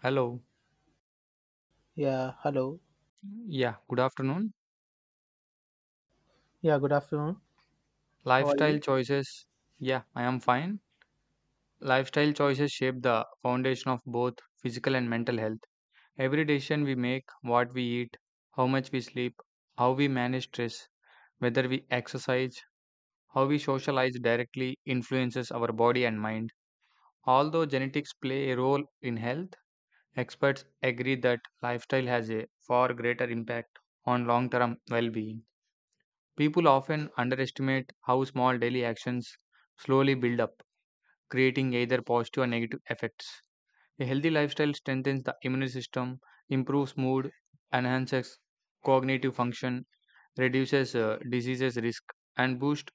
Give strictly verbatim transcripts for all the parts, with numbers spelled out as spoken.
Hello. Yeah, hello. Yeah, good afternoon. Yeah, good afternoon. How are Lifestyle you? choices. Yeah, I am fine. Lifestyle choices shape the foundation of both physical and mental health. Every decision we make, what we eat, how much we sleep, how we manage stress, whether we exercise, how we socialize directly influences our body and mind. Although genetics play a role in health, experts agree that lifestyle has a far greater impact on long term well being. People often underestimate how small daily actions slowly build up, creating either positive or negative effects. A healthy lifestyle strengthens the immune system, improves mood, enhances cognitive function, reduces uh, diseases risk, and boosts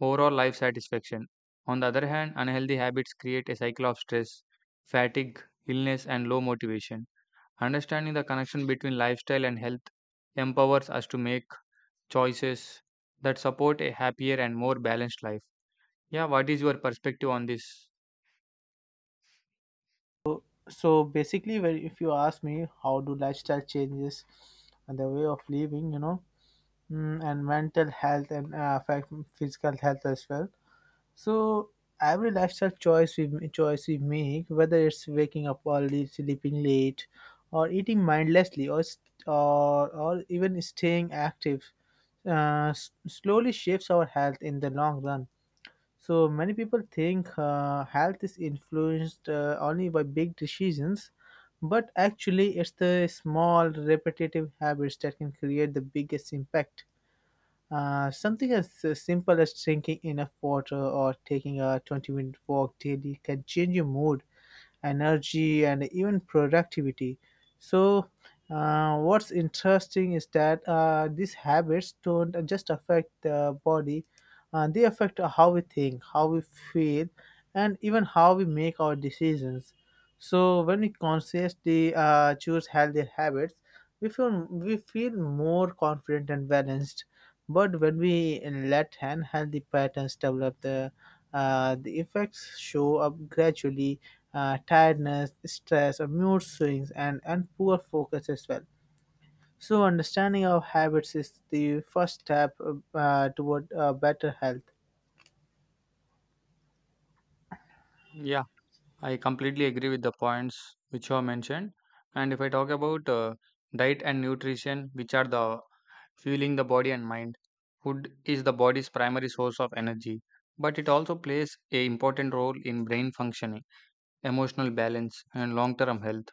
overall life satisfaction. On the other hand, unhealthy habits create a cycle of stress, fatigue, illness, and low motivation. Understanding the connection between lifestyle and health empowers us to make choices that support a happier and more balanced life. Yeah, what is your perspective on this? So so basically, when if you ask me how do lifestyle changes and the way of living, you know, mm, and mental health and uh, affect physical health as well. So every lifestyle choice we m- choice we make, whether it's waking up early, sleeping late, or eating mindlessly, or st- or, or even staying active, uh, s- slowly shapes our health in the long run. So many people think uh, health is influenced uh, only by big decisions, but actually, it's the small, repetitive habits that can create the biggest impact. Uh, something as uh, simple as drinking enough water or taking a twenty minute walk daily can change your mood energy and even productivity. So uh, what's interesting is that uh, these habits don't just affect the body, uh, they affect how we think, how we feel, and even how we make our decisions. So when we consciously uh, choose healthier habits, we feel we feel more confident and balanced. But when we let unhealthy patterns develop, the uh, the effects show up gradually: uh, tiredness, stress, or mood swings, and and poor focus as well. So understanding our habits is the first step uh, toward uh, better health. Yeah, I completely agree with the points which you have mentioned. And if I talk about uh, diet and nutrition, which are the fueling the body and mind, food is the body's primary source of energy, but it also plays a important role in brain functioning, emotional balance, and long-term health.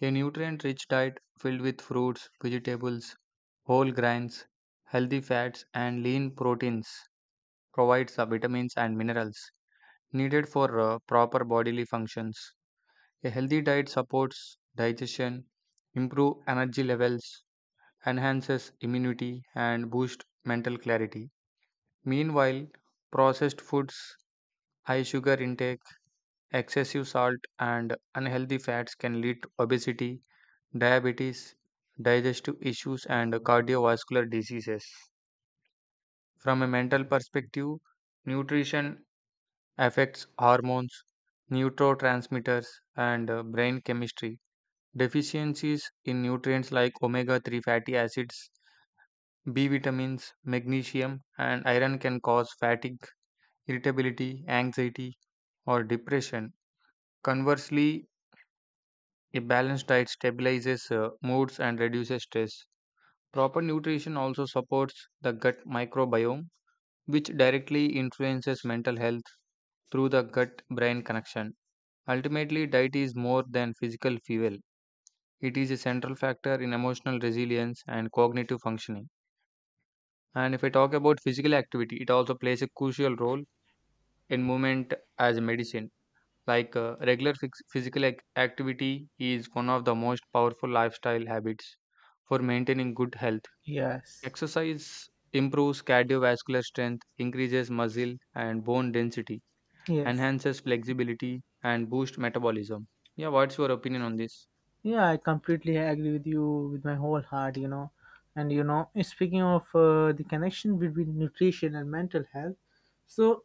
A nutrient rich diet filled with fruits, vegetables, whole grains, healthy fats, and lean proteins provides the vitamins and minerals needed for uh, proper bodily functions. A healthy diet supports digestion, improves energy levels, enhances immunity, and boosts mental clarity. Meanwhile, processed foods, high sugar intake, excessive salt, and unhealthy fats can lead to obesity, diabetes, digestive issues, and cardiovascular diseases. From a mental perspective, nutrition affects hormones, neurotransmitters, and uh, brain chemistry. Deficiencies in nutrients like omega three fatty acids, B vitamins, magnesium, and iron can cause fatigue, irritability, anxiety, or depression. Conversely, a balanced diet stabilizes uh, moods and reduces stress. Proper nutrition also supports the gut microbiome, which directly influences mental health through the gut brain connection. Ultimately, diet is more than physical fuel, it is a central factor in emotional resilience and cognitive functioning. And if I talk about physical activity, it also plays a crucial role in movement as a medicine. Like uh, regular phys- physical ac- activity is one of the most powerful lifestyle habits for maintaining good health. Yes. Exercise improves cardiovascular strength, increases muscle and bone density, Yes. enhances flexibility, and boosts metabolism. Yeah, what's your opinion on this? Yeah, I completely agree with you with my whole heart, you know. And you know, speaking of uh, the connection between nutrition and mental health, so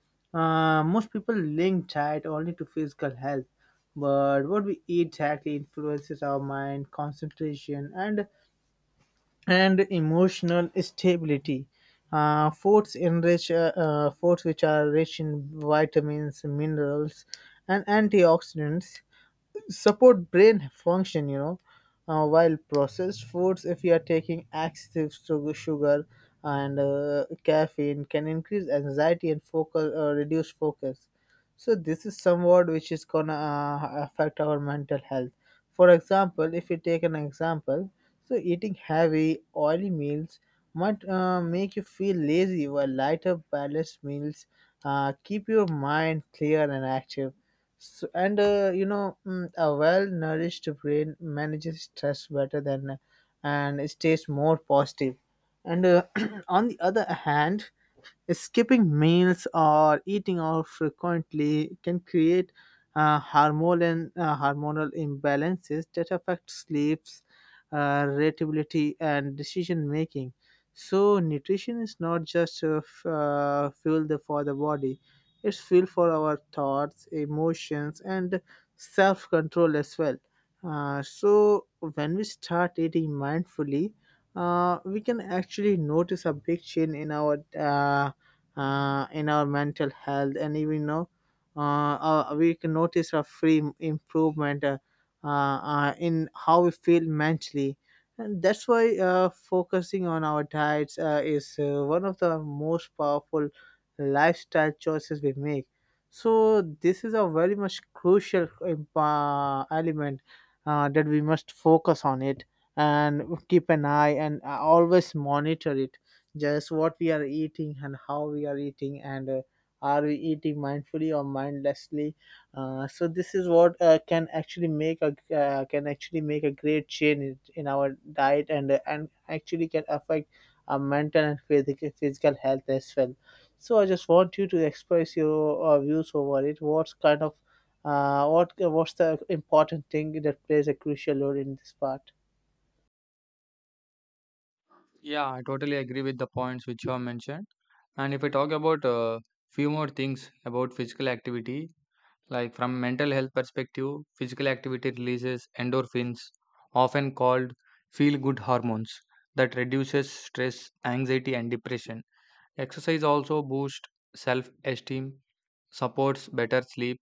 uh, most people link diet only to physical health, but what we eat directly influences our mind, concentration, and and emotional stability. Uh, foods enrich uh, uh, foods which are rich in vitamins, minerals, and antioxidants support brain function, you know. Uh, while processed foods, if you are taking excessive sugar, sugar and uh, caffeine, can increase anxiety and focus uh, reduce focus. So this is somewhat which is gonna uh, affect our mental health. For example, if you take an example, so eating heavy, oily meals might uh, make you feel lazy, while lighter, balanced meals uh, keep your mind clear and active. So, and uh, you know, mm, a well-nourished brain manages stress better than, and stays more positive. And uh, on the other hand, skipping meals or eating out frequently can create uh, hormonal, uh, hormonal imbalances that affect sleeps, uh, irritability, and decision making. So, nutrition is not just uh, f- uh, fuel the- for the body, it's fuel for our thoughts, emotions, and self control as well. Uh, so, when we start eating mindfully, uh, we can actually notice a big change in our uh, uh, in our mental health, and even know uh, uh, we can notice a free improvement uh, uh, uh, in how we feel mentally. And that's why uh, focusing on our diets uh, is uh, one of the most powerful lifestyle choices we make. So this is a very much crucial uh, element uh, that we must focus on it, and keep an eye and uh, always monitor it, just what we are eating and how we are eating, and uh, are we eating mindfully or mindlessly. Uh, so this is what uh, can actually make a uh, can actually make a great change in in our diet and uh, and actually can affect our mental and physical physical health as well. So I just want you to express your uh, views over it, what's kind of uh, what what's the important thing that plays a crucial role in this part. Yeah, I totally agree with the points which you have mentioned. And if I talk about a uh, few more things about physical activity, like from mental health perspective, physical activity releases endorphins, often called feel good hormones that reduces stress, anxiety and depression. Exercise also boosts self-esteem, supports better sleep,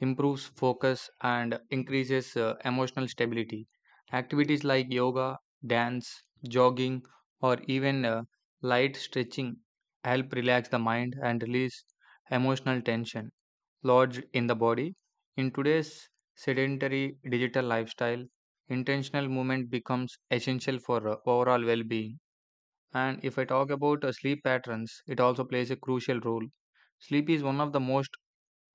improves focus and increases uh, emotional stability. Activities like yoga, dance, jogging, or even uh, light stretching help relax the mind and release emotional tension lodged in the body. In today's sedentary digital lifestyle, intentional movement becomes essential for uh, overall well being. And if I talk about uh, sleep patterns, it also plays a crucial role. Sleep is one of the most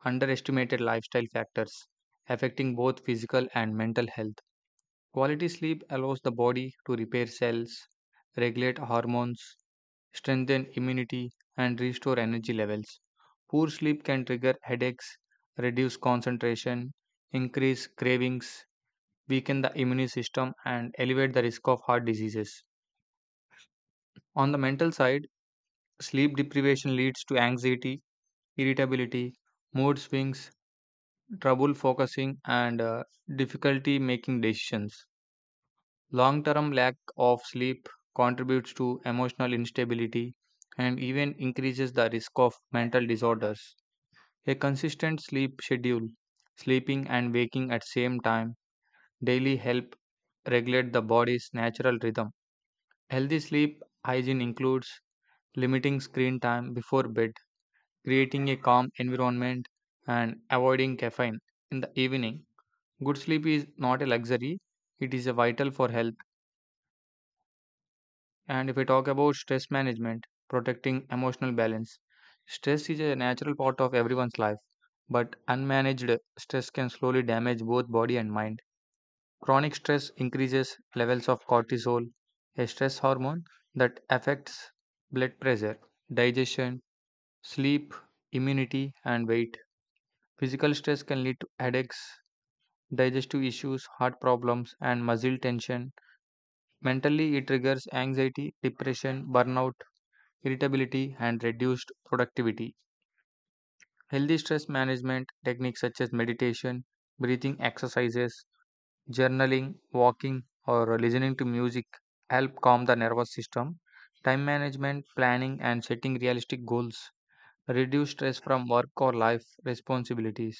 underestimated lifestyle factors affecting both physical and mental health. Quality sleep allows the body to repair cells, regulate hormones, strengthen immunity, and restore energy levels. Poor sleep can trigger headaches, reduce concentration, increase cravings, weaken the immune system, and elevate the risk of heart diseases. On the mental side, sleep deprivation leads to anxiety, irritability, mood swings, trouble focusing and uh, difficulty making decisions. Long term lack of sleep contributes to emotional instability and even increases the risk of mental disorders. A consistent sleep schedule, sleeping and waking at same time daily help regulate the body's natural rhythm. Healthy sleep hygiene includes limiting screen time before bed, creating a calm environment and avoiding caffeine in the evening. Good sleep is not a luxury, it is a vital for health. And if I talk about stress management, protecting emotional balance, stress is a natural part of everyone's life, but unmanaged stress can slowly damage both body and mind. Chronic stress increases levels of cortisol, a stress hormone that affects blood pressure, digestion, sleep, immunity, and weight. Physical stress can lead to headaches, digestive issues, heart problems, and muscle tension. Mentally, it triggers anxiety, depression, burnout, irritability, and reduced productivity. Healthy stress management techniques such as meditation, breathing exercises, journaling, walking, or listening to music help calm the nervous system. Time management, planning, and setting realistic goals reduce stress from work or life responsibilities.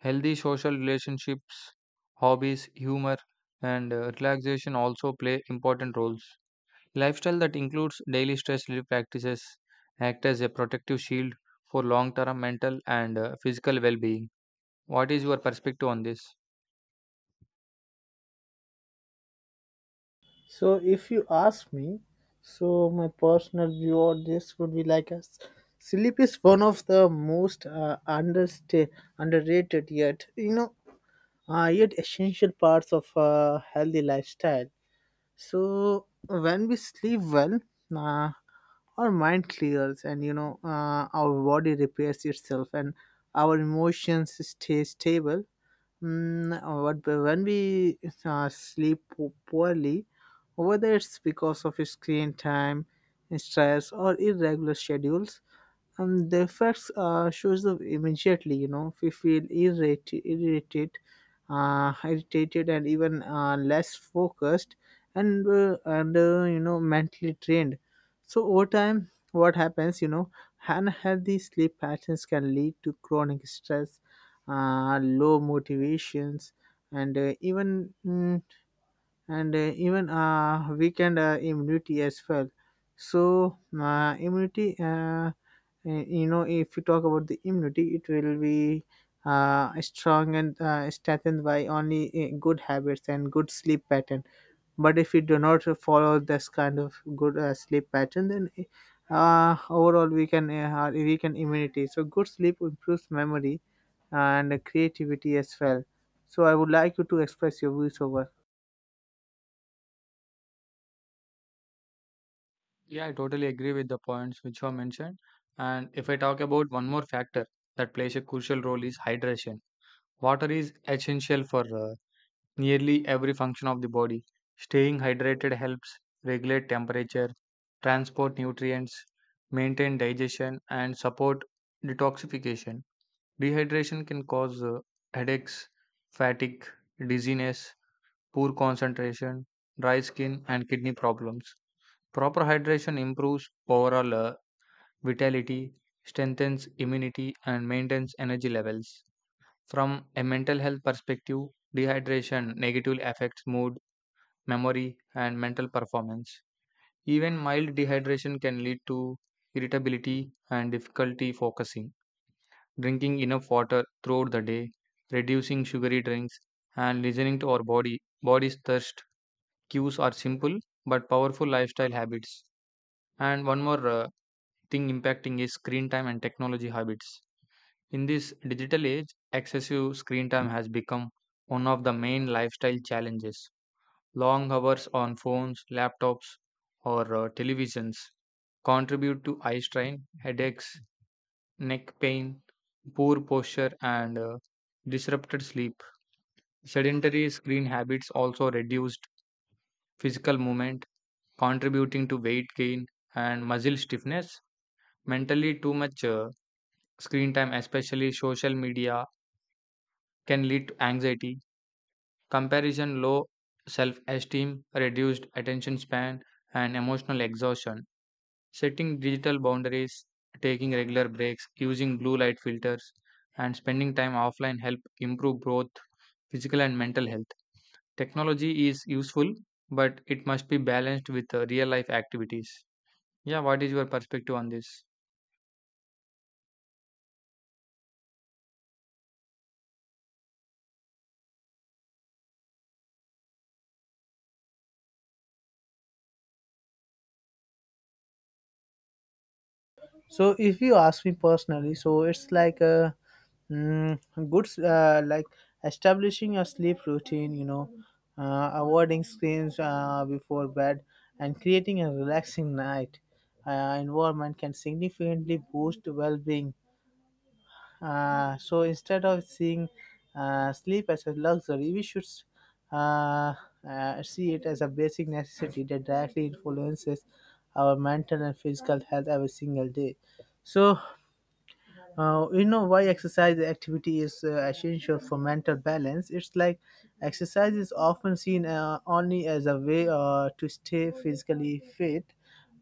Healthy social relationships, hobbies, humor, and uh, relaxation also play important roles. Lifestyle that includes daily stress relief practices act as a protective shield for long term mental and uh, physical well being. What is your perspective on this? So, if you ask me, so my personal view on this would be like us. Sleep is one of the most uh, understa- underrated, yet you know, uh, yet essential parts of a healthy lifestyle. So when we sleep well, uh, our mind clears, and you know, uh, our body repairs itself and our emotions stay stable. Mm, what when we uh, sleep po- poorly, whether it's because of screen time, stress, or irregular schedules, and the effects uh, shows up immediately, you know, we feel irritated irritated uh, irritated and even uh, less focused, and uh, and uh, you know, mentally drained. So over time, what happens, you know, unhealthy sleep patterns can lead to chronic stress, uh, low motivations, and uh, even mm, and uh, even uh, weakened uh, immunity as well. So uh, immunity, uh, uh, you know, if you talk about the immunity, it will be uh, strong and uh, strengthened by only uh, good habits and good sleep pattern. But if you do not follow this kind of good uh, sleep pattern, then uh, overall we can uh, weaken immunity. So good sleep improves memory and creativity as well. So I would like you to express your views over. Yeah, I totally agree with the points which you have mentioned. And if I talk about one more factor that plays a crucial role is hydration. Water is essential for uh, nearly every function of the body. Staying hydrated helps regulate temperature, transport nutrients, maintain digestion, and support detoxification. Dehydration can cause uh, headaches, fatigue, dizziness, poor concentration, dry skin, and kidney problems. Proper hydration improves overall uh, vitality, strengthens immunity, and maintains energy levels. From a mental health perspective, dehydration negatively affects mood, memory, and mental performance. Even mild dehydration can lead to irritability and difficulty focusing. Drinking enough water throughout the day, reducing sugary drinks, and listening to our body body's thirst cues are simple but powerful lifestyle habits. And one more uh, thing impacting is screen time and technology habits. In this digital age, excessive screen time has become one of the main lifestyle challenges. Long hours on phones, laptops, or uh, televisions contribute to eye strain, headaches, neck pain, poor posture, and uh, disrupted sleep. Sedentary screen habits also reduced physical movement, contributing to weight gain and muscle stiffness. Mentally, too much uh, screen time, especially social media, can lead to anxiety, comparison, low self esteem, reduced attention span, and emotional exhaustion. Setting digital boundaries, taking regular breaks, using blue light filters, and spending time offline help improve both physical and mental health. Technology is useful, but it must be balanced with uh, real life activities. Yeah, what is your perspective on this? So if you ask me personally, so it's like a mm, good s- uh, like establishing a sleep routine, you know, uh, avoiding screens uh, before bed and creating a relaxing night uh, environment can significantly boost well-being. Uh, so instead of seeing uh, sleep as a luxury, we should s- uh, uh, see it as a basic necessity that directly influences our mental and physical health every single day. So uh, you know why exercise activity is uh, essential for mental balance. It's like exercise is often seen uh, only as a way uh, to stay physically fit,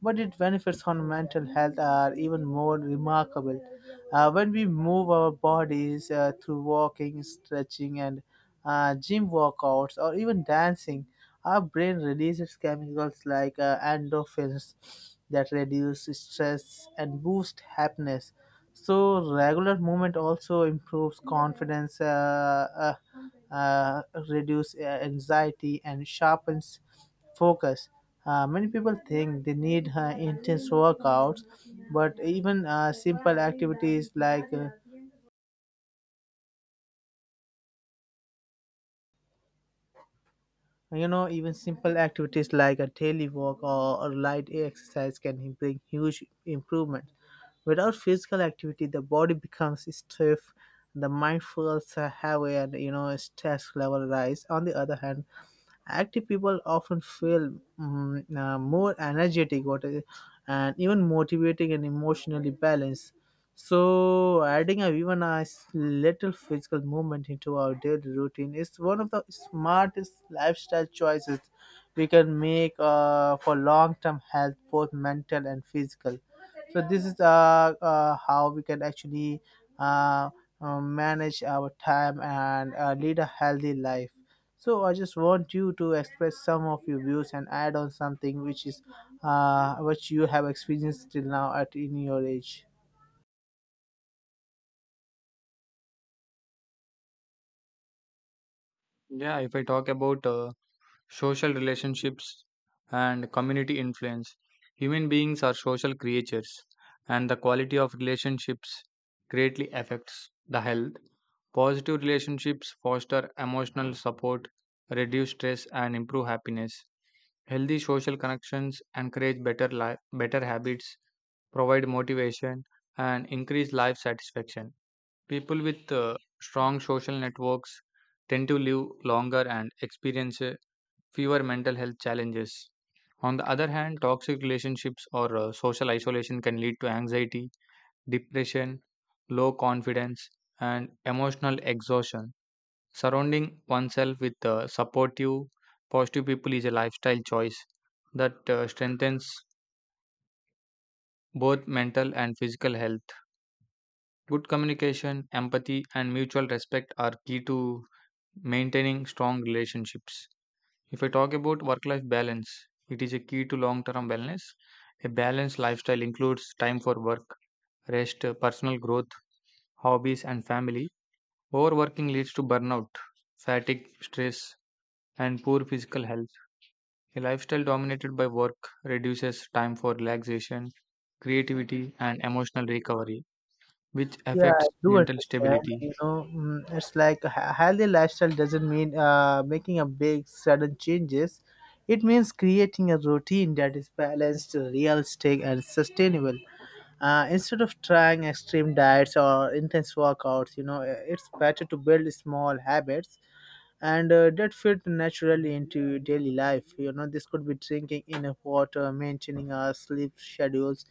but its benefits on mental health are even more remarkable. Uh, when we move our bodies uh, through walking, stretching, and uh, gym workouts, or even dancing, our brain releases chemicals like uh, endorphins that reduce stress and boost happiness. So, regular movement also improves confidence, uh, uh, uh, reduce uh, anxiety, and sharpens focus. Uh, many people think they need uh, intense workouts, but even uh, simple activities like uh, you know even simple activities like a daily walk, or, or light exercise can bring huge improvement. Without physical activity, the body becomes stiff, the mind feels uh, heavy, and you know, stress level rise. On the other hand, active people often feel mm, uh, more energetic, what is- and even motivating and emotionally balanced. So, adding a, even a s- little physical movement into our daily routine is one of the smartest lifestyle choices we can make, uh, for long-term health, both mental and physical. So, this is uh, uh, how we can actually uh, uh, manage our time and uh, lead a healthy life. So, I just want you to express some of your views and add on something which is uh, what you have experienced till now at in your age. Yeah, if I talk about uh, social relationships, and community influence. Human beings are social creatures, and the quality of relationships greatly affects the health. Positive relationships foster emotional support, reduce stress, and improve happiness. Healthy social connections encourage better life, better habits, provide motivation, and increase life satisfaction. People with uh, strong social networks tend to live longer and experience uh, fewer mental health challenges. On the other hand, toxic relationships or uh, social isolation can lead to anxiety, depression, low confidence, and emotional exhaustion. Surrounding oneself with uh, supportive, positive people is a lifestyle choice that uh, strengthens both mental and physical health. Good communication, empathy, and mutual respect are key to maintaining strong relationships. If I talk about work life balance, it is a key to long term wellness. A balanced lifestyle includes time for work, rest, personal growth, hobbies, and family. Overworking leads to burnout, fatigue, stress, and poor physical health. A lifestyle dominated by work reduces time for relaxation, creativity, and emotional recovery, which Yeah, I affects do mental understand. stability. You know, mm, it's like a hea- healthy lifestyle doesn't mean uh, making a big sudden changes. It means creating a routine that is balanced, realistic, and sustainable. Uh, instead of trying extreme diets or intense workouts, you know, uh, it's better to build small habits and uh, that fit naturally into daily life. You know, this could be drinking enough water, maintaining our sleep schedules,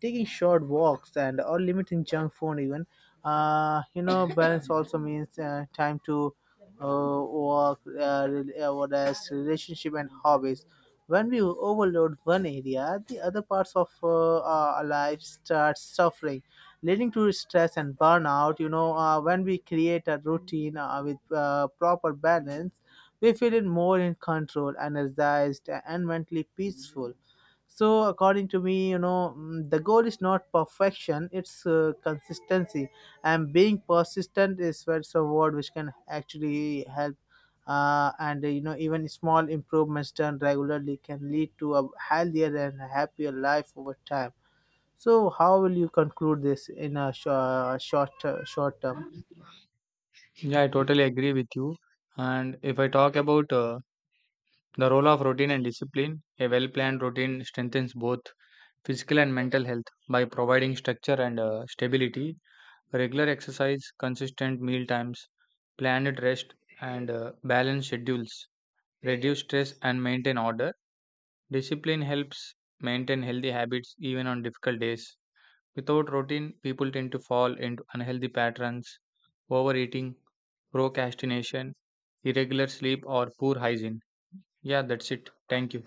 taking short walks, and or limiting junk food even. Uh, you know, balance also means uh, time to uh, work, uh, rel- uh, what else, relationship and hobbies. When we overload one area, the other parts of uh, our lives start suffering, leading to stress and burnout. You know, uh, when we create a routine uh, with uh, proper balance, we feel it more in control, energized, and mentally peaceful. So, according to me, you know, mm, the goal is not perfection, it's uh, consistency. And being persistent is what's a word which can actually help uh, and uh, you know, even small improvements done regularly can lead to a healthier and happier life over time. So how will you conclude this in a short short, uh, short term? Yeah, I totally agree with you. And if I talk about uh, The role of routine and discipline. A well planned routine strengthens both physical and mental health by providing structure and uh, stability. Regular exercise, consistent meal times, planned rest, and uh, balanced schedules reduce stress and maintain order. Discipline helps maintain healthy habits even on difficult days. Without routine, people tend to fall into unhealthy patterns, overeating, procrastination, irregular sleep, or poor hygiene. Yeah, that's it. Thank you.